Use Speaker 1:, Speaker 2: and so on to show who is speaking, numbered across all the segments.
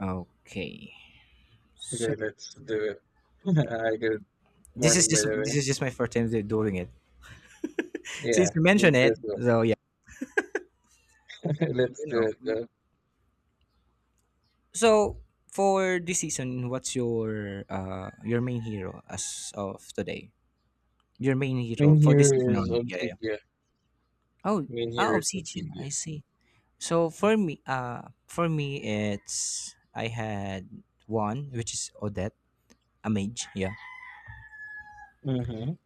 Speaker 1: Okay.
Speaker 2: Okay,
Speaker 1: So
Speaker 2: let's do it. Hi, good
Speaker 1: this is
Speaker 2: morning, by
Speaker 1: just
Speaker 2: the way.
Speaker 1: my first time doing it.
Speaker 2: Yeah,
Speaker 1: Since you
Speaker 2: me
Speaker 1: mentioned
Speaker 2: too as
Speaker 1: it, so yeah,
Speaker 2: well. Let's
Speaker 1: you
Speaker 2: do it
Speaker 1: know.
Speaker 2: though.
Speaker 1: So for this season, what's your main hero as of today? Your main
Speaker 2: Main
Speaker 1: hero for this
Speaker 2: here
Speaker 1: season
Speaker 2: is
Speaker 1: only. Yeah, yeah.
Speaker 2: Obsidia.
Speaker 1: Oh,
Speaker 2: Main here is
Speaker 1: Obsidian.
Speaker 2: Obsidia.
Speaker 1: I see. So for me, it's I had one which is Odette, a mage. Yeah,
Speaker 2: Mm-hmm.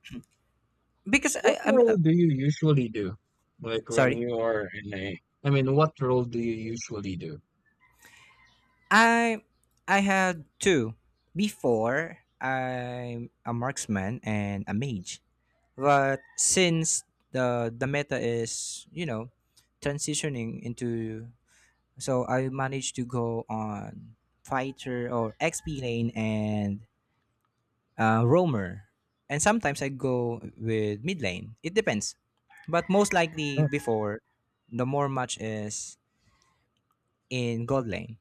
Speaker 1: because
Speaker 2: What
Speaker 1: I'm
Speaker 2: role do you usually do? Like when
Speaker 1: sorry.
Speaker 2: you are in a, I mean, what role do you usually do?
Speaker 1: I I had two. Before I'm a marksman and a mage. But since the meta is, you know, transitioning into, so I managed to go on fighter or XP lane and roamer. And sometimes I go with mid lane. It depends. But most likely
Speaker 2: Oh,
Speaker 1: before, the more match is in gold lane.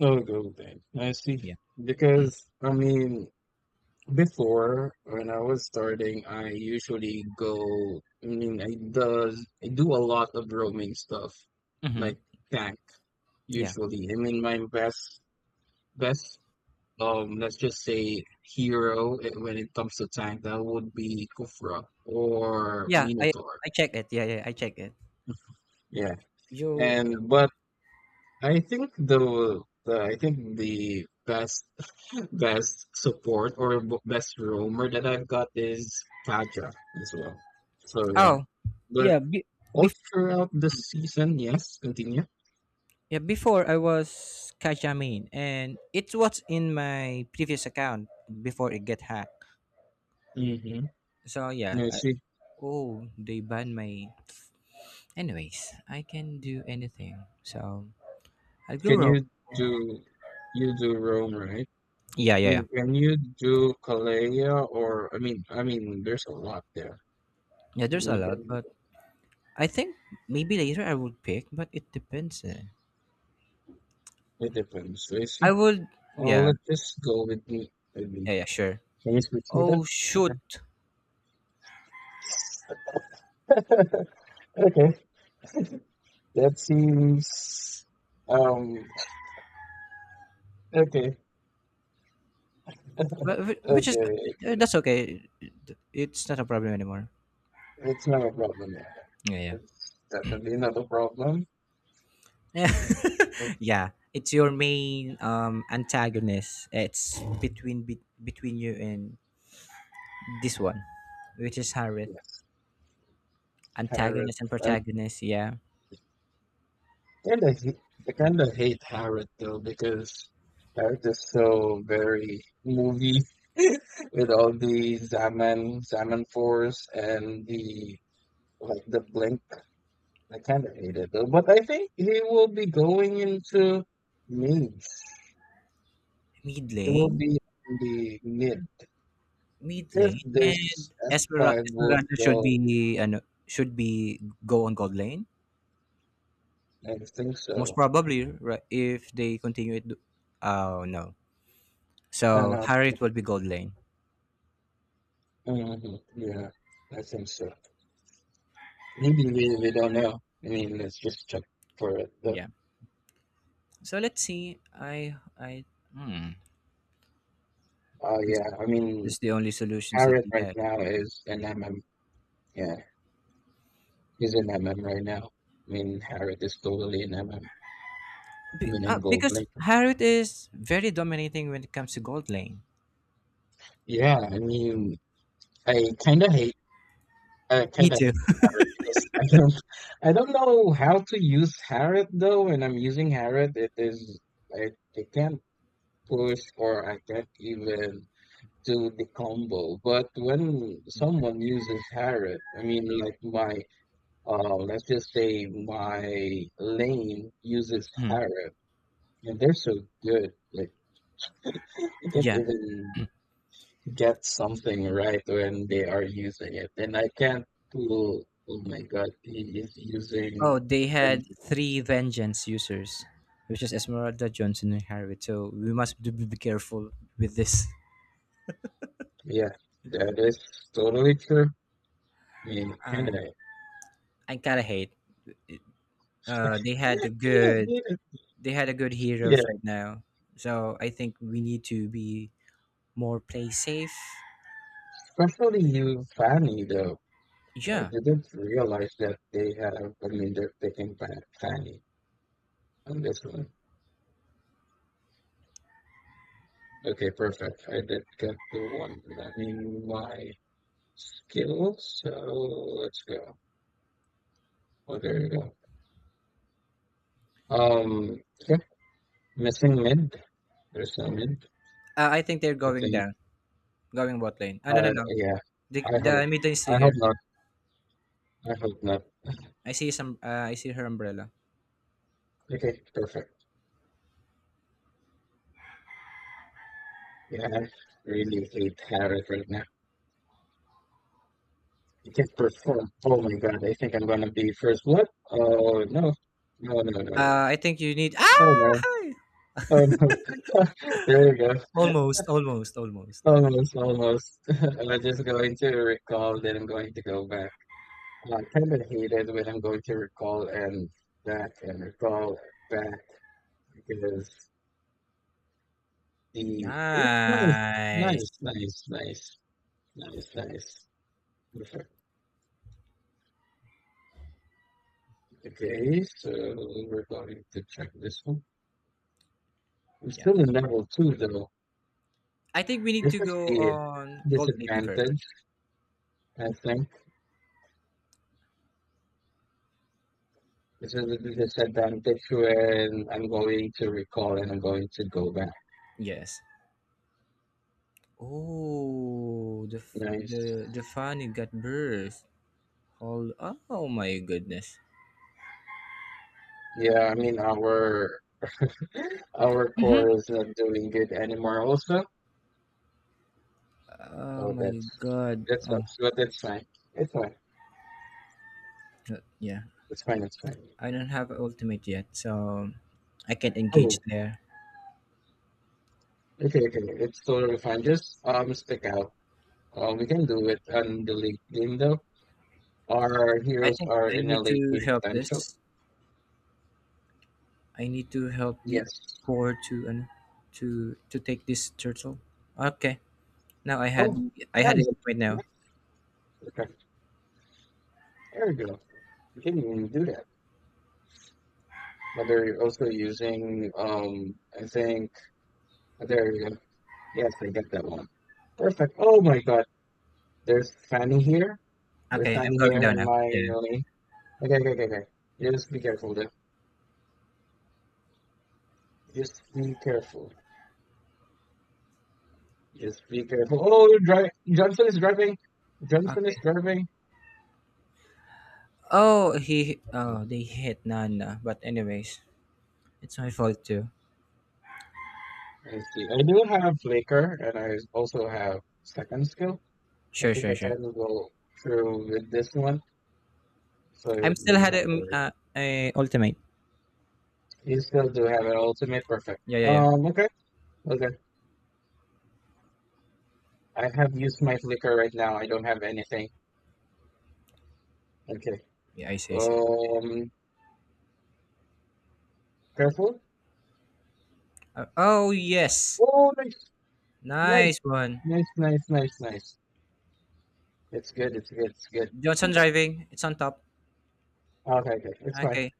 Speaker 2: oh, Good thing. I see.
Speaker 1: Yeah.
Speaker 2: Because, I mean, before when I was starting, I usually go, I mean, I do a lot of roaming stuff,
Speaker 1: Mhm.
Speaker 2: like tank.
Speaker 1: Yeah.
Speaker 2: Usually, I mean, my best let's just say hero, when it comes to tank that would be Kufra or
Speaker 1: Yeah, I
Speaker 2: Minotaur.
Speaker 1: I check it. Yeah, yeah, I check it.
Speaker 2: Yeah.
Speaker 1: You.
Speaker 2: And but I think the I think the best best support or best roamer that I've got is Kaja as well. So yeah.
Speaker 1: Oh,
Speaker 2: But
Speaker 1: yeah.
Speaker 2: all
Speaker 1: Bef-
Speaker 2: throughout the season, yes, continue.
Speaker 1: yeah, before I was Kajamin, and it was in my previous account before it get hacked.
Speaker 2: Mm-hmm.
Speaker 1: So yeah.
Speaker 2: Yeah, she
Speaker 1: Oh, they banned my. Anyways, I can do anything. So I'll go
Speaker 2: can
Speaker 1: rogue.
Speaker 2: do you do roam, right?
Speaker 1: Yeah,
Speaker 2: I
Speaker 1: yeah, yeah.
Speaker 2: mean, can you do Calleja or I mean, there's a lot there.
Speaker 1: Yeah, there's
Speaker 2: And
Speaker 1: a
Speaker 2: we
Speaker 1: lot,
Speaker 2: can, do
Speaker 1: but
Speaker 2: it.
Speaker 1: I think maybe later I would pick, but it depends. Eh.
Speaker 2: It depends. So it's
Speaker 1: I
Speaker 2: simple.
Speaker 1: would.
Speaker 2: Oh,
Speaker 1: Yeah,
Speaker 2: let's just go with me. With
Speaker 1: yeah,
Speaker 2: me.
Speaker 1: yeah. Sure.
Speaker 2: Can you switch me
Speaker 1: Oh
Speaker 2: that?
Speaker 1: shoot!
Speaker 2: Okay, that seems um okay,
Speaker 1: Which is
Speaker 2: okay, okay.
Speaker 1: that's okay. It's not a problem anymore.
Speaker 2: It's not a problem. Yeah, yeah.
Speaker 1: Yeah.
Speaker 2: It's definitely not a problem.
Speaker 1: Yeah,
Speaker 2: But
Speaker 1: yeah. It's your main antagonist. It's between you and this one, which is Harith.
Speaker 2: yes, Harrod.
Speaker 1: Antagonist and
Speaker 2: I
Speaker 1: protagonist. Yeah,
Speaker 2: kinda hate, I kinda hate Harrod though because Harrod is so very movie, with all the Zaman Zaman Force and the like the Blink. I kind of hate it though, but I think he will be going into mage.
Speaker 1: mid
Speaker 2: He will
Speaker 1: lane,
Speaker 2: be in the mid
Speaker 1: mid
Speaker 2: if
Speaker 1: lane, and
Speaker 2: this S five would
Speaker 1: Esmeralda should
Speaker 2: go.
Speaker 1: be should be go on gold lane,
Speaker 2: I think
Speaker 1: most
Speaker 2: so.
Speaker 1: probably, right, if they continue it. Do-. Oh no.
Speaker 2: I
Speaker 1: So
Speaker 2: know.
Speaker 1: Harith will be gold lane.
Speaker 2: Hmm. Yeah, I think so. Maybe we don't know. I mean, let's just check for it. But,
Speaker 1: Yeah. So let's see. I Hmm. this,
Speaker 2: yeah, I
Speaker 1: this
Speaker 2: mean,
Speaker 1: is the only solutions that
Speaker 2: Harriet
Speaker 1: we
Speaker 2: right
Speaker 1: have.
Speaker 2: now is an MM. Yeah. He's in MM right now. I mean, Harrod is totally in MM. I mean, in Gold
Speaker 1: Because
Speaker 2: Lake.
Speaker 1: Harrod is very dominating when it comes to gold lane.
Speaker 2: Yeah, I mean, I kind of hate, I
Speaker 1: Me
Speaker 2: kind of hate
Speaker 1: too.
Speaker 2: Harrod because I don't, I don't know how to use Harrod though. When I'm using Harrod, it is, I, I can't push or I can't even do the combo. But when someone uses Harrod, I mean, like my, let's just say my lane uses
Speaker 1: Hmm.
Speaker 2: Harrod, and they're so good. Like they can't
Speaker 1: Yeah.
Speaker 2: even get something right when they are using it. And I can't do, oh my God, he is
Speaker 1: Oh,
Speaker 2: using.
Speaker 1: they
Speaker 2: and-
Speaker 1: had three vengeance users, which is Esmeralda, Johnson, and Harriet. So we must be careful with this.
Speaker 2: Yeah, that is totally true. I mean,
Speaker 1: Uh, I gotta hate. Uh, they had a
Speaker 2: kind of
Speaker 1: good.
Speaker 2: hate it.
Speaker 1: They had a good heroes
Speaker 2: Yeah,
Speaker 1: right now. So I think we need to be more play safe.
Speaker 2: especially you, Fanny, though. Or
Speaker 1: Yeah.
Speaker 2: didn't realize that they have, I mean, they're picking Fanny on this one. Okay, perfect. I did get the one. I mean, my skills, so let's go. Well, there you go. Um, yeah, missing mint. There's no mint.
Speaker 1: I think they're
Speaker 2: I
Speaker 1: going
Speaker 2: think.
Speaker 1: down. Going bot lane. Ah, no, no, no.
Speaker 2: Yeah. I hope.
Speaker 1: The mid lane is
Speaker 2: I
Speaker 1: still
Speaker 2: hope
Speaker 1: here.
Speaker 2: not. I hope not.
Speaker 1: I see some. I see her umbrella.
Speaker 2: Okay, perfect. Yeah, I really hate Harris right now. He can perform. Oh my god, I think I'm gonna be first blood. Oh no. No, no, no, no.
Speaker 1: I think you need.
Speaker 2: Oh
Speaker 1: Ah,
Speaker 2: no.
Speaker 1: hi!
Speaker 2: Oh no. There you go.
Speaker 1: Almost, almost, almost.
Speaker 2: Almost, almost. I'm just going to recall, then I'm going to go back. I kind of hate it when I'm going to recall and back and recall back. Because the oh, nice, nice,
Speaker 1: Nice.
Speaker 2: nice, nice, nice, nice. Perfect. Okay, so we're going to check this one. I'm
Speaker 1: Yeah.
Speaker 2: still in level two though.
Speaker 1: I think we need
Speaker 2: This
Speaker 1: to
Speaker 2: is
Speaker 1: go
Speaker 2: the
Speaker 1: on gold plating first.
Speaker 2: disadvantage, I think. This is the disadvantage when I'm going to recall and I'm going to go back.
Speaker 1: Yes. Oh, the f-
Speaker 2: Nice.
Speaker 1: the the funny got burst. Hold. Oh my goodness.
Speaker 2: Yeah, I mean our
Speaker 1: Mm-hmm.
Speaker 2: core is not doing good anymore also.
Speaker 1: Oh
Speaker 2: Oh,
Speaker 1: my god.
Speaker 2: that
Speaker 1: Oh,
Speaker 2: sucks, but that's fine. It's fine.
Speaker 1: yeah.
Speaker 2: It's fine, it's fine.
Speaker 1: I don't have ultimate yet, so I can't engage
Speaker 2: Oh,
Speaker 1: there.
Speaker 2: okay, okay. It's totally fine. Just stick out. We can do it on the late game though. Our
Speaker 1: I
Speaker 2: heroes
Speaker 1: think
Speaker 2: are
Speaker 1: I
Speaker 2: in a
Speaker 1: need
Speaker 2: late
Speaker 1: to
Speaker 2: game
Speaker 1: help
Speaker 2: potential.
Speaker 1: this. I need to help the
Speaker 2: Yes.
Speaker 1: poor to and to take this turtle. Okay. Now
Speaker 2: Oh,
Speaker 1: I had
Speaker 2: nice.
Speaker 1: it right now.
Speaker 2: Nice. Okay. There we go. You can even do that. But they're also using I think oh, there we go. Yes, I get that one. Perfect. Oh my god. There's Fanny here. There's
Speaker 1: Okay, I'm
Speaker 2: Fanny
Speaker 1: going
Speaker 2: here
Speaker 1: down
Speaker 2: in
Speaker 1: now.
Speaker 2: my
Speaker 1: Yeah.
Speaker 2: lane. Okay, okay, okay, okay. Just be careful then. Just be careful. Just be careful. Oh, you're driving. Johnson is driving. Johnson
Speaker 1: Okay.
Speaker 2: is driving.
Speaker 1: Oh, he
Speaker 2: Okay,
Speaker 1: oh they hit Nana. But anyways, it's my fault too.
Speaker 2: let's see. I do have Flicker, and I also have second skill. I
Speaker 1: Sure,
Speaker 2: think
Speaker 1: sure,
Speaker 2: I
Speaker 1: sure.
Speaker 2: can go through with this one, so you
Speaker 1: I'm still
Speaker 2: don't
Speaker 1: had
Speaker 2: have to worry.
Speaker 1: a ultimate.
Speaker 2: You still do have an ultimate, perfect.
Speaker 1: Yeah, yeah, yeah.
Speaker 2: Okay, okay. I have used my Flicker right now. I don't have anything. Okay.
Speaker 1: Yeah, I see, I see.
Speaker 2: Um, careful.
Speaker 1: Oh yes,
Speaker 2: Oh, nice, nice,
Speaker 1: nice one.
Speaker 2: nice, nice, nice, nice. It's good. It's good. It's good.
Speaker 1: Johnson driving. It's on top.
Speaker 2: Okay, okay. It's fine.
Speaker 1: Okay.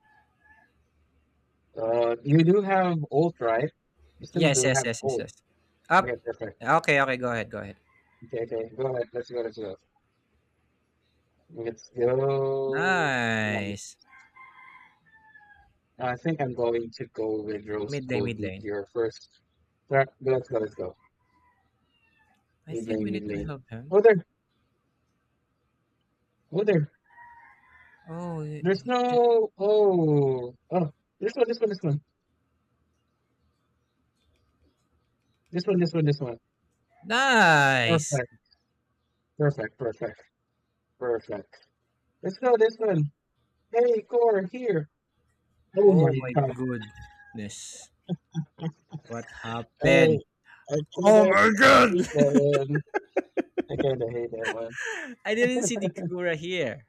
Speaker 2: You do have old, right? You still
Speaker 1: Yes,
Speaker 2: do
Speaker 1: yes,
Speaker 2: have
Speaker 1: yes, yes,
Speaker 2: old.
Speaker 1: yes.
Speaker 2: Okay,
Speaker 1: Up.
Speaker 2: perfect.
Speaker 1: Okay, okay, go ahead, go ahead.
Speaker 2: Okay, okay. Go ahead. Let's go. Let's go. Let's go. Nice.
Speaker 1: Nice.
Speaker 2: I think I'm going to go with Rose
Speaker 1: Mid lane,
Speaker 2: Gold
Speaker 1: mid lane.
Speaker 2: Meteor first. Right, let's go. Let's go.
Speaker 1: I
Speaker 2: Mid
Speaker 1: think
Speaker 2: lane.
Speaker 1: we
Speaker 2: Mid
Speaker 1: need to
Speaker 2: lane.
Speaker 1: help him.
Speaker 2: Oh there. Oh there.
Speaker 1: Oh, he-
Speaker 2: There's
Speaker 1: he did-
Speaker 2: no. Oh. Oh. This one. This one. This one. This one. This one. This one.
Speaker 1: nice.
Speaker 2: Perfect. Perfect. Perfect. Perfect. Let's go. This one. Hey, core here. Oh
Speaker 1: Oh
Speaker 2: my
Speaker 1: my
Speaker 2: God.
Speaker 1: goodness. What
Speaker 2: I
Speaker 1: happened?
Speaker 2: I kinda
Speaker 1: Oh my god!
Speaker 2: hate that one. I kinda hate that one.
Speaker 1: I didn't see the Kagura here.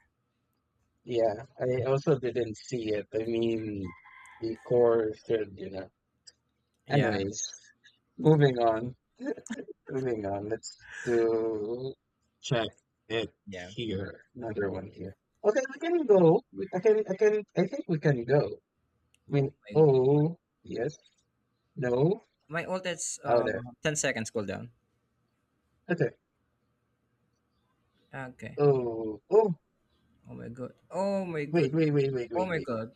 Speaker 2: Yeah, I also didn't see it. I mean, the core should, you know.
Speaker 1: Yeah,
Speaker 2: Anyways, moving on, moving on. Let's do check it
Speaker 1: yeah.
Speaker 2: here. Another one here. Okay, we can go. I can, I can, I think we can go. I mean,
Speaker 1: Oh,
Speaker 2: oh, yes, no,
Speaker 1: my ult is
Speaker 2: out there.
Speaker 1: 10 seconds cooldown.
Speaker 2: Okay.
Speaker 1: Okay.
Speaker 2: Oh, oh,
Speaker 1: Oh my god. Oh my god.
Speaker 2: wait, wait, wait, wait,
Speaker 1: Oh
Speaker 2: wait,
Speaker 1: my
Speaker 2: wait.
Speaker 1: god.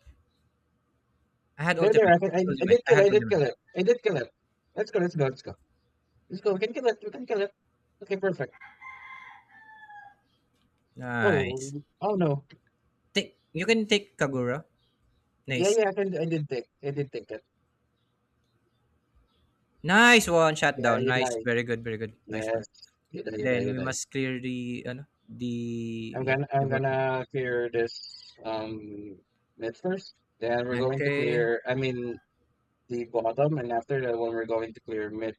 Speaker 1: I had
Speaker 2: They're there.
Speaker 1: ultimate.
Speaker 2: I, can,
Speaker 1: I
Speaker 2: I,
Speaker 1: had
Speaker 2: I
Speaker 1: ultimate.
Speaker 2: did
Speaker 1: I
Speaker 2: kill it. I
Speaker 1: had
Speaker 2: did kill
Speaker 1: ultimate.
Speaker 2: it. I did kill it. Let's go. Let's go. Let's go. Let's go. We can kill it. We can kill it. Okay, perfect. Oh,
Speaker 1: Nice.
Speaker 2: oh no.
Speaker 1: Take you can take Kagura.
Speaker 2: Yeah,
Speaker 1: Nice.
Speaker 2: yeah. I can. I did take. I did take it.
Speaker 1: Nice one shot
Speaker 2: Yeah,
Speaker 1: down.
Speaker 2: you
Speaker 1: Nice.
Speaker 2: die.
Speaker 1: Very good, very good. Nice
Speaker 2: Yes,
Speaker 1: one.
Speaker 2: you die. You die.
Speaker 1: Then
Speaker 2: You
Speaker 1: we
Speaker 2: die.
Speaker 1: must clear the yeah, the
Speaker 2: I'm
Speaker 1: button.
Speaker 2: gonna clear this um mid first. Then we're going to
Speaker 1: Okay.
Speaker 2: clear. I mean the bottom, and after that one, we're going to clear mid,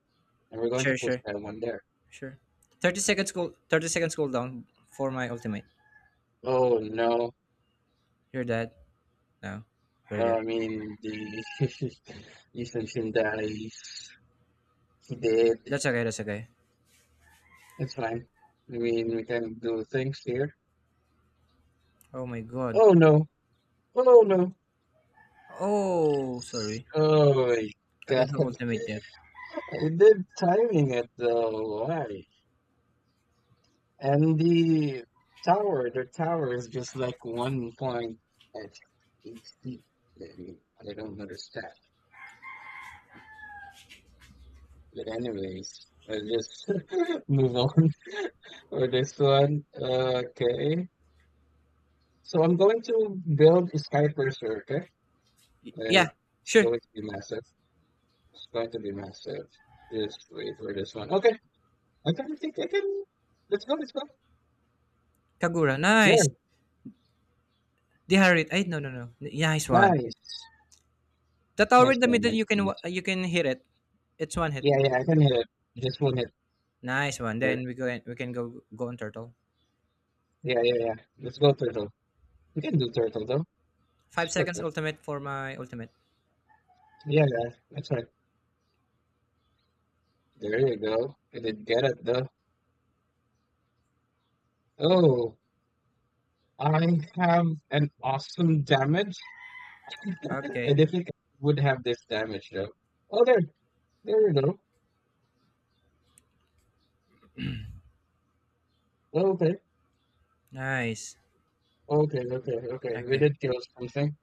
Speaker 2: and we're going to
Speaker 1: Sure,
Speaker 2: push
Speaker 1: sure,
Speaker 2: that one there.
Speaker 1: sure. 30 seconds cooldown for my ultimate.
Speaker 2: Oh no.
Speaker 1: You're dead. No. Very good.
Speaker 2: I mean the Yusenshin dies. He did.
Speaker 1: That's okay, that's okay.
Speaker 2: It's fine. I mean, we can do things here.
Speaker 1: Oh my god.
Speaker 2: Oh no. Oh no.
Speaker 1: Oh sorry.
Speaker 2: Oh my
Speaker 1: I don't have
Speaker 2: God.
Speaker 1: ultimate yet.
Speaker 2: They're timing it though. Why? And the tower is just like 1 point at each feet. I I don't understand. But anyways, I just move on for this one. Okay. So I'm going to build a skyscraper, okay? And
Speaker 1: Yeah,
Speaker 2: it's
Speaker 1: sure.
Speaker 2: going to be massive. It's going to be massive. Just wait for this one. Okay, I can think I can. Let's go, let's go.
Speaker 1: Kagura, nice.
Speaker 2: There,
Speaker 1: The Dehydrate. I no no no. Nice one.
Speaker 2: nice.
Speaker 1: The tower
Speaker 2: Nice
Speaker 1: in the
Speaker 2: one,
Speaker 1: middle
Speaker 2: nice
Speaker 1: you
Speaker 2: one.
Speaker 1: can
Speaker 2: Nice.
Speaker 1: you can hit it. It's one hit.
Speaker 2: Yeah, yeah, I can hit it. Just one hit
Speaker 1: Nice one.
Speaker 2: there.
Speaker 1: Then we go, we can go go on turtle.
Speaker 2: Yeah, yeah, yeah. Let's go, turtle. We can do turtle, though. It's
Speaker 1: 5 seconds
Speaker 2: perfect.
Speaker 1: ultimate for my ultimate.
Speaker 2: Yeah, yeah, that's right. There you go. I didn't get it, though. Oh, I have an awesome damage. And
Speaker 1: Okay.
Speaker 2: if it would have this damage, though. Oh, there. There you go. Okay,
Speaker 1: Nice.
Speaker 2: okay, okay, okay. We
Speaker 1: Okay.
Speaker 2: did kill something.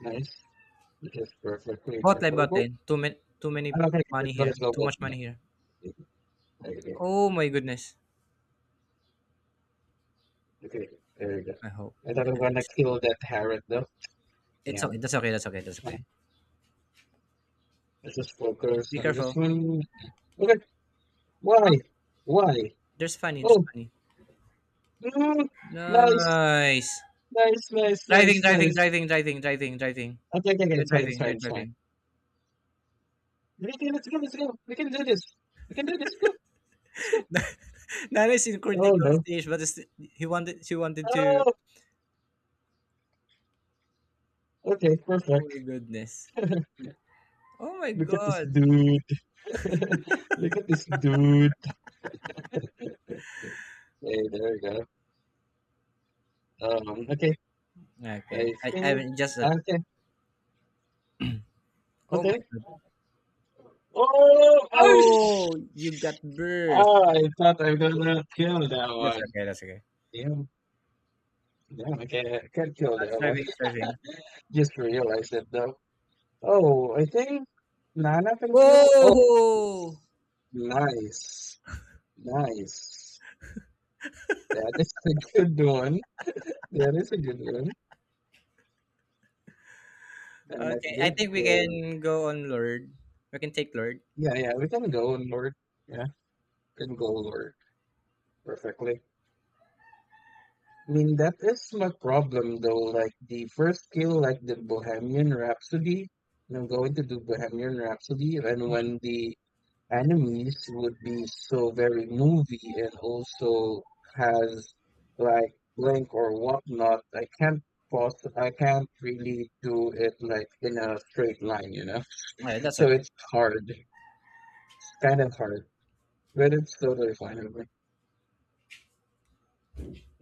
Speaker 2: Nice. Which is perfectly
Speaker 1: Bot lane, bot
Speaker 2: preferable.
Speaker 1: lane. Too many
Speaker 2: I'm not gonna get this
Speaker 1: money
Speaker 2: one
Speaker 1: here. Too
Speaker 2: as
Speaker 1: much
Speaker 2: tonight.
Speaker 1: money here.
Speaker 2: Okay, okay,
Speaker 1: Oh my goodness.
Speaker 2: okay, there we go.
Speaker 1: I hope.
Speaker 2: I thought I'm gonna
Speaker 1: Nice.
Speaker 2: kill that Harriet though.
Speaker 1: It's
Speaker 2: Damn,
Speaker 1: okay. That's okay. That's okay. That's okay.
Speaker 2: fine. Let's just focus
Speaker 1: Be
Speaker 2: on this
Speaker 1: careful.
Speaker 2: one. Okay, why?
Speaker 1: Oh,
Speaker 2: Why?
Speaker 1: there's funny. There's
Speaker 2: Oh,
Speaker 1: funny.
Speaker 2: mm, nice,
Speaker 1: Nice.
Speaker 2: nice, nice, nice,
Speaker 1: Driving, driving,
Speaker 2: nice.
Speaker 1: driving, driving, driving, driving.
Speaker 2: Okay, okay, okay,
Speaker 1: They're
Speaker 2: it's fine, it's
Speaker 1: driving.
Speaker 2: fine,
Speaker 1: They're
Speaker 2: it's fine.
Speaker 1: driving.
Speaker 2: Okay, let's go, let's go. We can do this. We can do this. Go, let's go.
Speaker 1: Nana is in
Speaker 2: Oh
Speaker 1: critical
Speaker 2: no.
Speaker 1: stage, but he wanted. She wanted to.
Speaker 2: Oh, okay,
Speaker 1: Oh
Speaker 2: perfect.
Speaker 1: my goodness. Oh my
Speaker 2: Look at this
Speaker 1: god.
Speaker 2: dude. Look at this dude. Hey, there we go. Okay,
Speaker 1: Okay.
Speaker 2: I
Speaker 1: I
Speaker 2: think
Speaker 1: mean, just a,
Speaker 2: okay,
Speaker 1: oh my
Speaker 2: okay.
Speaker 1: god.
Speaker 2: Oh, oh,
Speaker 1: Oh, you got burst.
Speaker 2: oh, I thought I gonna kill that
Speaker 1: That's
Speaker 2: one.
Speaker 1: okay. That's okay.
Speaker 2: Damn, damn, I can't kill that one.
Speaker 1: Surfing, surfing.
Speaker 2: Just realized it though. Oh, I think Nana can kill. Oh,
Speaker 1: Whoa.
Speaker 2: nice, nice. That is a good one. That is a good one. And I
Speaker 1: Okay. I
Speaker 2: did
Speaker 1: think we
Speaker 2: go.
Speaker 1: can go on Lord. We can take Lord.
Speaker 2: Yeah, yeah, we can go north. Yeah, can go north perfectly. I mean, that is my problem though. Like the first kill, like the Bohemian Rhapsody, and I'm going to do Bohemian Rhapsody, and when the enemies would be so very movie and also has like blink or whatnot, I can't pause. I can't really do it like in a straight line, you know.
Speaker 1: Alright, that's
Speaker 2: So
Speaker 1: okay.
Speaker 2: it's hard. It's kind of hard, but it's totally fine with me.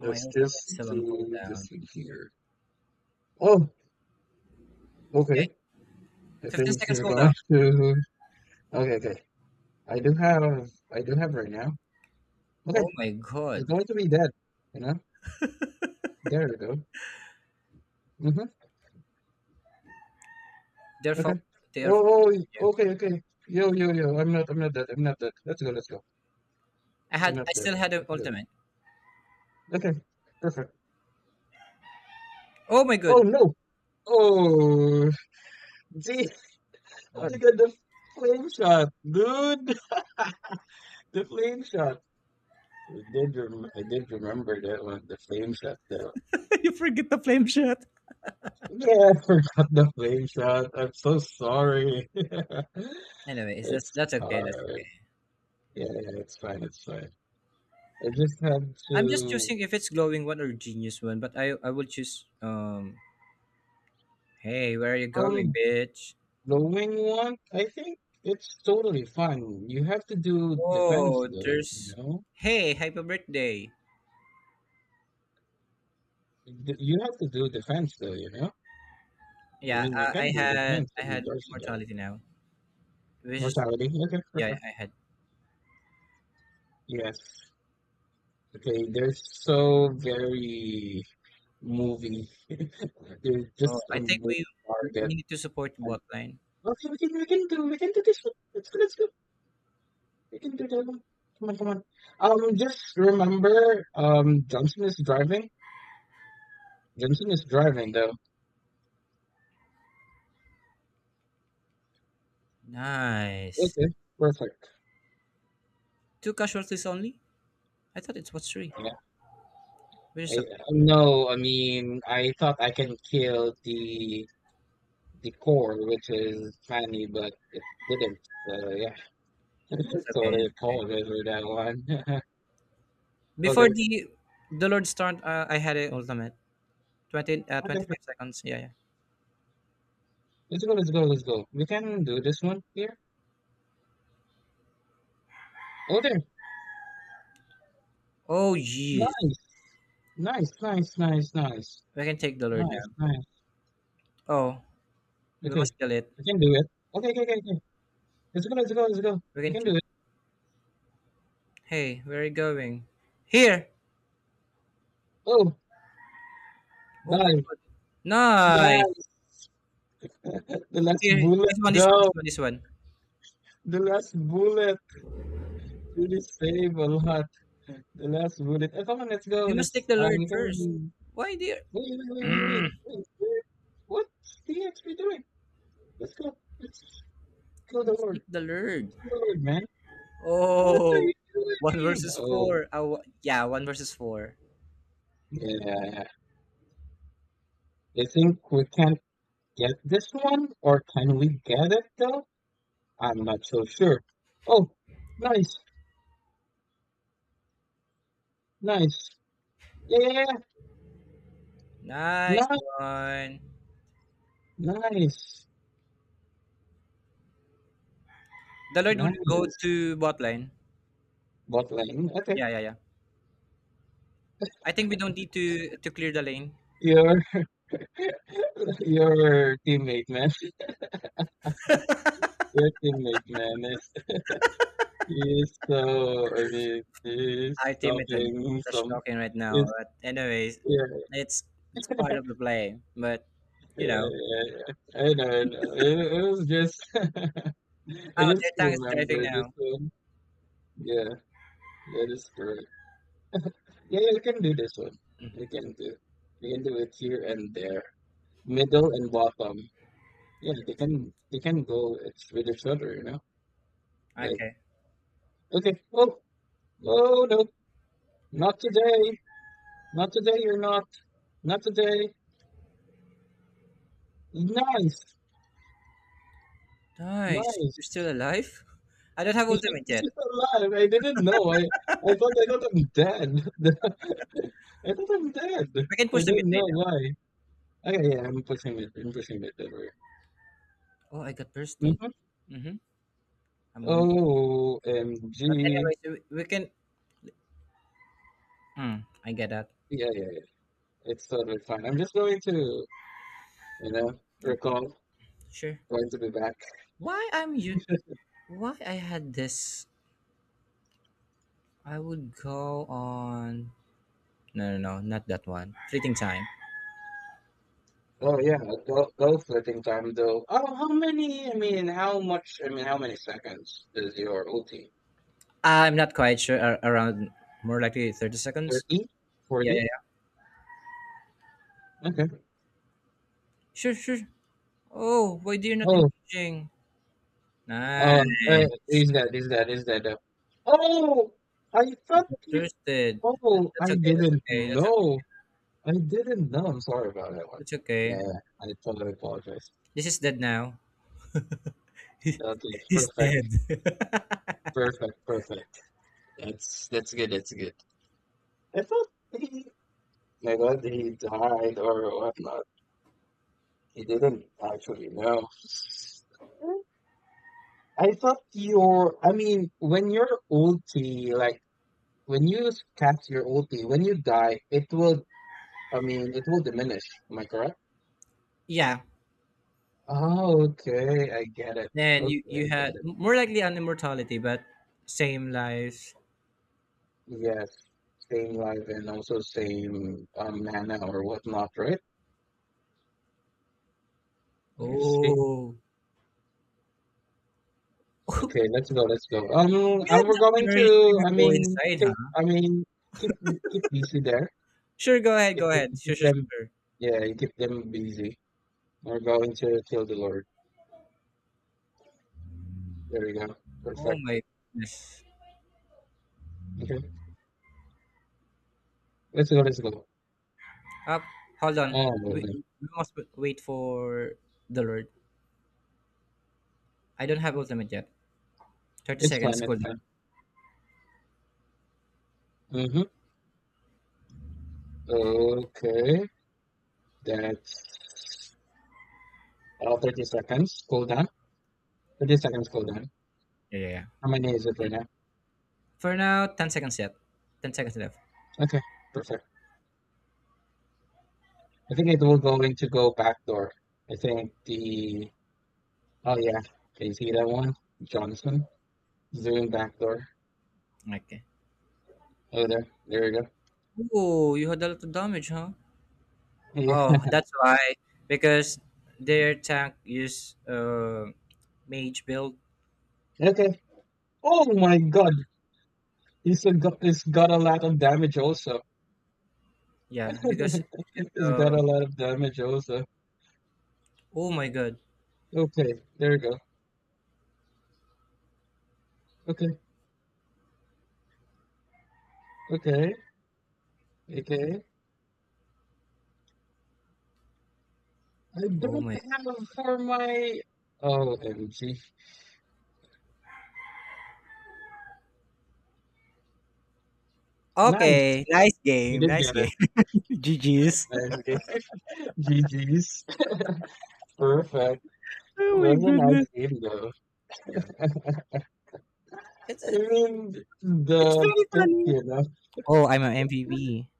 Speaker 1: My ultimate
Speaker 2: just
Speaker 1: still on
Speaker 2: do
Speaker 1: cooldown.
Speaker 2: this in here. Oh, okay. I
Speaker 1: Fifteen
Speaker 2: think
Speaker 1: seconds
Speaker 2: she's
Speaker 1: cooldown.
Speaker 2: going to. Okay, okay. I do have. I do have right now. Okay,
Speaker 1: Oh my
Speaker 2: it's
Speaker 1: god.
Speaker 2: going to be dead. You know. There we go. Mhm.
Speaker 1: They're
Speaker 2: Okay.
Speaker 1: fo- they're
Speaker 2: Oh,
Speaker 1: yeah.
Speaker 2: oh. Okay, okay. Yo, yo, yo. I'm not. I'm not dead. I'm not dead. Let's go. Let's go.
Speaker 1: I
Speaker 2: I'm
Speaker 1: had
Speaker 2: not
Speaker 1: I
Speaker 2: dead.
Speaker 1: still had an
Speaker 2: Let's go.
Speaker 1: ultimate.
Speaker 2: Okay. Perfect.
Speaker 1: Oh my
Speaker 2: Oh
Speaker 1: god.
Speaker 2: no. Oh. Gee. I got
Speaker 1: Oh my.
Speaker 2: the flame shot, dude. The flame shot. I did. I did remember that one. The flame shot, though.
Speaker 1: You forget the flame shot.
Speaker 2: Yeah, I forgot the Flames Shot. I'm so sorry.
Speaker 1: Anyway, it's
Speaker 2: It's
Speaker 1: just that's okay. That's
Speaker 2: hard.
Speaker 1: okay.
Speaker 2: Yeah, yeah, it's fine, it's fine. I just have
Speaker 1: I'm just
Speaker 2: to
Speaker 1: choosing if it's glowing one or genius one, but I will choose hey, where are you going,
Speaker 2: um
Speaker 1: bitch?
Speaker 2: knowing one, I think it's totally fine. You have to do defense
Speaker 1: Oh,
Speaker 2: though,
Speaker 1: there's.
Speaker 2: you know?
Speaker 1: Hey, happy birthday.
Speaker 2: You have to do defense though, you know? I
Speaker 1: Yeah,
Speaker 2: mean, you can do defense
Speaker 1: I
Speaker 2: in
Speaker 1: had
Speaker 2: regards to that.
Speaker 1: immortality now. Which is
Speaker 2: Mortality. Okay,
Speaker 1: yeah,
Speaker 2: perfect.
Speaker 1: I had.
Speaker 2: Yes. Okay, they're so very movie. They're
Speaker 1: Oh,
Speaker 2: just a
Speaker 1: I think
Speaker 2: movie target.
Speaker 1: we need to support the bot line.
Speaker 2: Okay, we can do this one. Let's go, let's go. We can do that one. Come on, come on. Just remember, Johnson is driving. Johnson is driving, though.
Speaker 1: Nice.
Speaker 2: Okay, perfect.
Speaker 1: Two casualties only? I thought it was three.
Speaker 2: Yeah.
Speaker 1: Which
Speaker 2: I,
Speaker 1: is okay.
Speaker 2: uh, no, I mean, I thought I can kill the core, which is Fanny, but it didn't. So yeah,
Speaker 1: That's okay.
Speaker 2: totally
Speaker 1: That's okay.
Speaker 2: apologize for that one. Oh, there.
Speaker 1: Before the Lord start, I had a ultimate. 20 uh,
Speaker 2: Okay,
Speaker 1: 25 seconds. Yeah, yeah.
Speaker 2: let's go. We can do this one here. Oh, there.
Speaker 1: Oh jeez.
Speaker 2: Nice, nice, nice, nice, nice.
Speaker 1: We can take the lure
Speaker 2: Nice,
Speaker 1: down.
Speaker 2: nice.
Speaker 1: Oh, we
Speaker 2: Okay.
Speaker 1: must kill it.
Speaker 2: I can do it. Okay, okay, okay, okay. Let's go, let's go, let's go.
Speaker 1: We
Speaker 2: You
Speaker 1: can
Speaker 2: can
Speaker 1: kill
Speaker 2: do
Speaker 1: it.
Speaker 2: it.
Speaker 1: Hey, where are you going? Here!
Speaker 2: Oh,
Speaker 1: Oh my
Speaker 2: die.
Speaker 1: god. Nice!
Speaker 2: Yes. The last
Speaker 1: Here,
Speaker 2: bullet,
Speaker 1: this one, this one,
Speaker 2: though.
Speaker 1: this one, this one.
Speaker 2: The last bullet. Really save a lot. The last bullet. Oh, come on, let's go.
Speaker 1: We must take
Speaker 2: Let's,
Speaker 1: the lure
Speaker 2: you
Speaker 1: first.
Speaker 2: can.
Speaker 1: Why, dear?
Speaker 2: Wait, wait, wait, wait, wait. Wait. Wait. What's the XP doing? Let's go. Let's kill
Speaker 1: We
Speaker 2: the
Speaker 1: must take
Speaker 2: Lord.
Speaker 1: the lure.
Speaker 2: Kill the Lord, man. What are you
Speaker 1: Oh, one
Speaker 2: doing?
Speaker 1: versus
Speaker 2: Oh,
Speaker 1: four. Yeah, one versus four.
Speaker 2: yeah. I think we can get this one, or can we get it, though? I'm not so sure. Oh, nice, nice. Yeah, yeah, yeah.
Speaker 1: Nice one.
Speaker 2: Nice,
Speaker 1: The lure
Speaker 2: nice,
Speaker 1: will go
Speaker 2: nice.
Speaker 1: to bot lane.
Speaker 2: Bot lane. Okay.
Speaker 1: Yeah, yeah, yeah. I think we don't need to clear the lane.
Speaker 2: Your your teammate, man. Your teammate, man, is so. I mean,
Speaker 1: Our
Speaker 2: he's
Speaker 1: team Artie method
Speaker 2: talking
Speaker 1: such
Speaker 2: some.
Speaker 1: talking right now.
Speaker 2: Is
Speaker 1: But anyways,
Speaker 2: yeah,
Speaker 1: it's it's part of the play. But
Speaker 2: yeah,
Speaker 1: you know.
Speaker 2: yeah, yeah. I know, I know. It was just. I
Speaker 1: Oh,
Speaker 2: just
Speaker 1: their tank is driving
Speaker 2: remember this
Speaker 1: now.
Speaker 2: one. Yeah, that is correct. Yeah, you can do this one. They can do. They can do it here and there, middle and bottom. Yeah, they can. They can go it's with each other. You know,
Speaker 1: Yeah.
Speaker 2: like
Speaker 1: Okay.
Speaker 2: okay, oh, oh no, not today, not today. You're not, not today. Nice,
Speaker 1: Nice.
Speaker 2: nice.
Speaker 1: You're still alive? I don't have ultimate
Speaker 2: He's still
Speaker 1: yet.
Speaker 2: alive. I didn't know. I thought I'm dead. I thought I'm dead.
Speaker 1: We can
Speaker 2: I
Speaker 1: push the mid
Speaker 2: don't
Speaker 1: lane
Speaker 2: know
Speaker 1: now.
Speaker 2: why. Okay, yeah, I'm pushing it. I'm pushing it. Don't worry.
Speaker 1: Oh, I got bursted.
Speaker 2: hmm
Speaker 1: Mm-hmm. I'm on. But
Speaker 2: OMG.
Speaker 1: anyways, we can. Hmm. I get that.
Speaker 2: Yeah, yeah, yeah. It's totally fine. I'm just going to, you know, recall.
Speaker 1: Sure.
Speaker 2: Going to be back.
Speaker 1: Why I'm you? Why I had this? I would go on. No, no, no, not that one. Fleeting time.
Speaker 2: Oh yeah, go go flipping time though. Oh, how many? I mean, how much? I mean, How many seconds is your ulti?
Speaker 1: I'm not quite sure. Around more likely 30 seconds.
Speaker 2: 30?
Speaker 1: Yeah, yeah,
Speaker 2: 40?
Speaker 1: yeah.
Speaker 2: Okay.
Speaker 1: Sure, sure. Oh, why do you not
Speaker 2: Oh,
Speaker 1: engaging? Nice.
Speaker 2: uh, uh, is that? oh, I
Speaker 1: You
Speaker 2: thought
Speaker 1: got
Speaker 2: you.
Speaker 1: Thirsted.
Speaker 2: Oh,
Speaker 1: That's
Speaker 2: I
Speaker 1: okay. That's
Speaker 2: didn't
Speaker 1: okay. That's okay.
Speaker 2: know. I didn't know. I'm sorry about that one.
Speaker 1: That's
Speaker 2: Yeah,
Speaker 1: okay.
Speaker 2: yeah, I totally apologize.
Speaker 1: This is dead now.
Speaker 2: Okay,
Speaker 1: He's dead.
Speaker 2: perfect, perfect, perfect. That's good. That's good. I thought he, I thought he died or whatnot. He didn't actually know. I mean, when you cast your ulti, when you die, it will, I mean, it will diminish. Am I correct?
Speaker 1: Yeah.
Speaker 2: Oh, okay. I get it.
Speaker 1: Then
Speaker 2: Okay, I
Speaker 1: you
Speaker 2: get
Speaker 1: had
Speaker 2: it.
Speaker 1: more likely on immortality, but same life.
Speaker 2: Yes. Same life and also same mana or whatnot, right? I see.
Speaker 1: Oh.
Speaker 2: Okay, let's go, let's go.
Speaker 1: You
Speaker 2: And
Speaker 1: have
Speaker 2: we're
Speaker 1: the
Speaker 2: going
Speaker 1: courage
Speaker 2: to,
Speaker 1: to go inside, huh?
Speaker 2: I mean, keep keep busy there.
Speaker 1: Sure, go ahead. Go ahead. Sure,
Speaker 2: Keep
Speaker 1: sure,
Speaker 2: them,
Speaker 1: sure.
Speaker 2: yeah, you keep them busy. We're going to kill the Lord. There you go.
Speaker 1: Oh
Speaker 2: Perfect.
Speaker 1: my goodness.
Speaker 2: Okay, let's go, let's go.
Speaker 1: Uh, hold on.
Speaker 2: Oh, lovely.
Speaker 1: We must wait for the Lord. I don't have ultimate yet. 30
Speaker 2: It's
Speaker 1: seconds
Speaker 2: fine, it's fine.
Speaker 1: cooldown.
Speaker 2: Mm-hmm. Okay, that's 30 seconds. Cool down. 30 seconds, cool down.
Speaker 1: Yeah, yeah, yeah.
Speaker 2: How many is it right now?
Speaker 1: For now, 10 seconds yet. 10 seconds left.
Speaker 2: Okay, perfect. I think it will going to go back door. I think the Oh yeah, can you see that one? Johnson, zoom back door.
Speaker 1: Okay.
Speaker 2: Oh there, there you go.
Speaker 1: Oh, you had a lot of damage, huh?
Speaker 2: Yeah.
Speaker 1: Oh, that's why. Because their tank is mage build.
Speaker 2: Okay. Oh my God, he's a got he's got a lot of damage also.
Speaker 1: Yeah, because.
Speaker 2: He's got
Speaker 1: Uh,
Speaker 2: a lot of damage also.
Speaker 1: oh my god.
Speaker 2: Okay, there you go. Okay, okay, okay. I
Speaker 1: Oh
Speaker 2: don't
Speaker 1: my.
Speaker 2: have for my. Oh, M G. Nice.
Speaker 1: Okay, nice
Speaker 2: We
Speaker 1: game.
Speaker 2: did
Speaker 1: Nice
Speaker 2: get
Speaker 1: game.
Speaker 2: it.
Speaker 1: GG's.
Speaker 2: Nice. Okay. GG's. Perfect. It
Speaker 1: Oh my
Speaker 2: was a
Speaker 1: goodness.
Speaker 2: nice game
Speaker 1: Yeah.
Speaker 2: though.
Speaker 1: It's,
Speaker 2: I
Speaker 1: it's,
Speaker 2: mean,
Speaker 1: it's
Speaker 2: the
Speaker 1: very
Speaker 2: pick,
Speaker 1: funny.
Speaker 2: you know.
Speaker 1: Oh, I'm an MVP.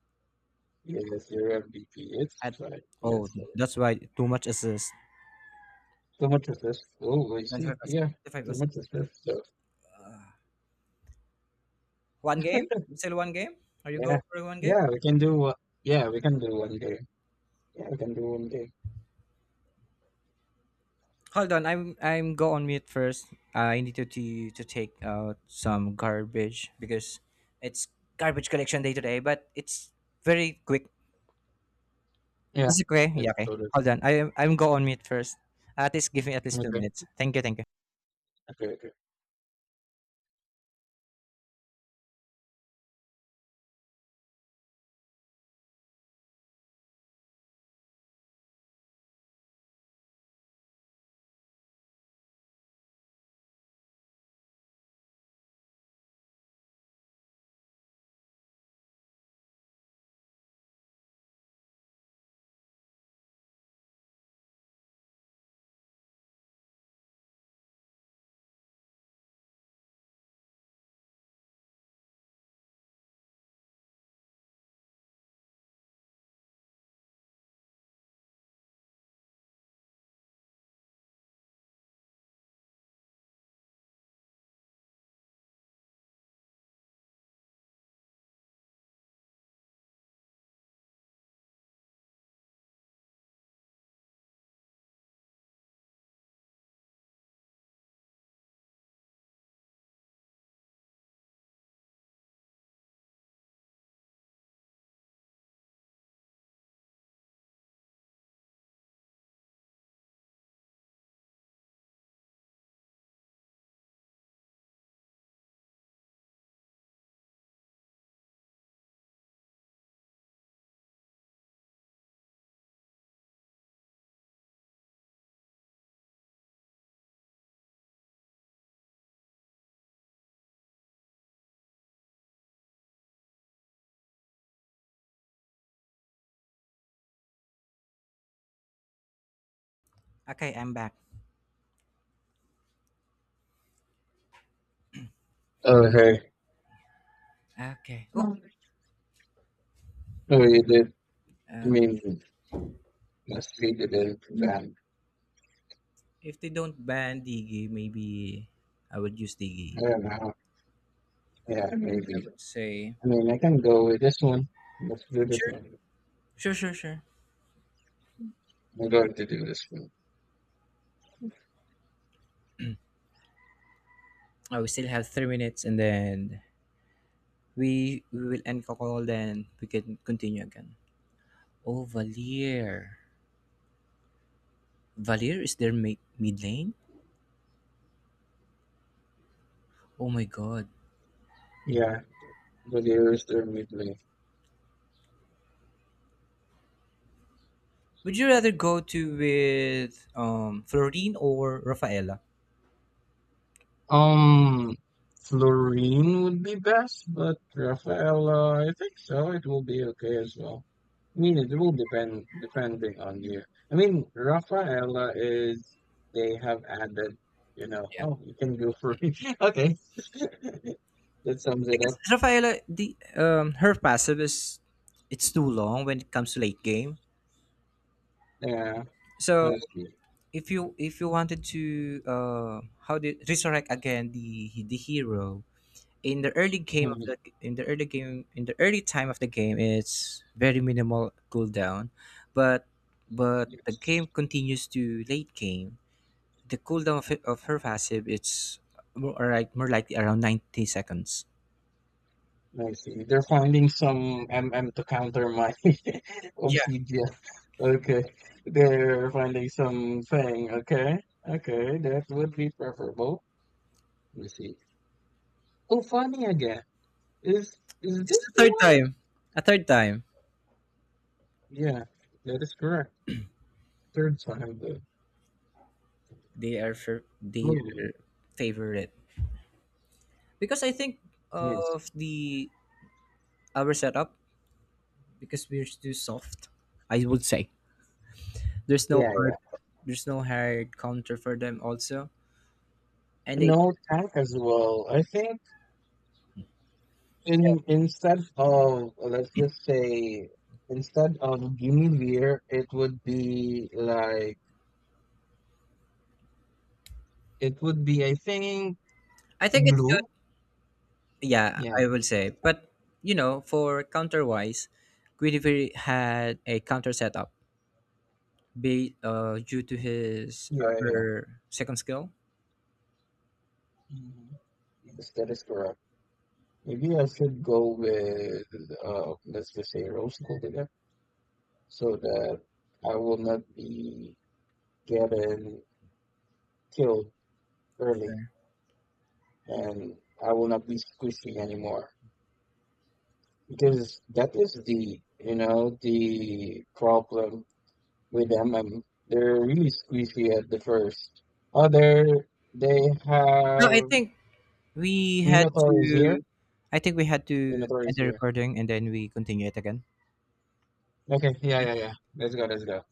Speaker 2: Yes, your MVP. It's
Speaker 1: At
Speaker 2: like
Speaker 1: oh,
Speaker 2: it's like
Speaker 1: that's why too much assist.
Speaker 2: so much of this. Oh, I see.
Speaker 1: 25%.
Speaker 2: Yeah, so
Speaker 1: 25%.
Speaker 2: much of this stuff.
Speaker 1: One game? Still one game? Are you
Speaker 2: Yeah,
Speaker 1: go for one game?
Speaker 2: yeah, we can do. Yeah, we can do one day. Yeah, we can do one day.
Speaker 1: Hold on, I'm go on mute first. I need to take out some garbage because it's garbage collection day today, but it's very quick.
Speaker 2: Yeah,
Speaker 1: Is it okay? Yeah,
Speaker 2: it's
Speaker 1: okay.
Speaker 2: sort of
Speaker 1: Hold on. I'm go on mute first. At least give me at least two
Speaker 2: okay.
Speaker 1: minutes. Thank you, thank you.
Speaker 2: Okay, okay.
Speaker 1: Okay, I'm back.
Speaker 2: Oh, hey,
Speaker 1: Okay. Oh,
Speaker 2: oh, you did. I
Speaker 1: uh,
Speaker 2: mean, let's see the day then.
Speaker 1: if they don't ban Digi, maybe I would use Digi.
Speaker 2: I don't know. Yeah,
Speaker 1: I
Speaker 2: maybe.
Speaker 1: would say
Speaker 2: I mean, I can go with this one. Let's do this
Speaker 1: sure.
Speaker 2: one.
Speaker 1: Sure, sure, sure.
Speaker 2: I'm going to do this one.
Speaker 1: Oh, we still have 3 minutes, and then we will end the call. Then we can continue again. Oh, Valier is their mid lane. Oh my God,
Speaker 2: Yeah, but here's the midway.
Speaker 1: would you rather go to with Florine or Rafaela?
Speaker 2: Um, Florine would be best, but Rafaela, I think so. It will be okay as well. I mean, it will depending on you. I mean, Rafaela is they have added, you know.
Speaker 1: Yeah.
Speaker 2: Oh, you can go for it. Okay, that sums it up.
Speaker 1: Because Rafaela, the her passive is it's too long when it comes to late game.
Speaker 2: Yeah,
Speaker 1: So
Speaker 2: honestly.
Speaker 1: if you wanted to how did resurrect again the hero, in the early game of
Speaker 2: Mhm.
Speaker 1: the, in the early game, in the early time of the game, it's very minimal cooldown, but but the game continues to late game, the cooldown of, of her passive it's more or like more likely around 90 seconds.
Speaker 2: I see. They're finding some MM to counter my
Speaker 1: Yeah,
Speaker 2: obsidian. Okay. They're finding something. Okay. Okay. That would be preferable. Let me see. Oh, funny again. Is is
Speaker 1: it's
Speaker 2: this
Speaker 1: the
Speaker 2: the
Speaker 1: third
Speaker 2: one?
Speaker 1: time, a third time
Speaker 2: Yeah, that is correct. Third time the
Speaker 1: they are for their
Speaker 2: movie.
Speaker 1: favorite, because I think
Speaker 2: Yes.
Speaker 1: of the our setup, because we're too soft, I would say there's no
Speaker 2: Yeah, yeah.
Speaker 1: hard, there's no hard counter for them also, and they,
Speaker 2: No tank as well. I think in Instead of let's just say instead of Guinevere, it would be like it would be, I think,
Speaker 1: I think it's good.
Speaker 2: blue.
Speaker 1: Yeah,
Speaker 2: Yeah.
Speaker 1: I will say, but you know, for counterwise, Guinevere had a counter setup be due to his
Speaker 2: Yeah, yeah.
Speaker 1: her second skill.
Speaker 2: Mhm. Yes, that is correct. Maybe I should go with let's just say rose gold again, so that I will not be getting killed early,
Speaker 1: Sure.
Speaker 2: and I will not be squishy anymore. Because that is the you know the problem with them. They're really squishy at the first. Other they
Speaker 1: No, I
Speaker 2: have
Speaker 1: think we had to,
Speaker 2: Minotaur is here.
Speaker 1: I think we had to
Speaker 2: In the third
Speaker 1: end the
Speaker 2: year.
Speaker 1: recording, and then we continue it again.
Speaker 2: Okay, yeah, yeah, yeah. Let's go, let's go.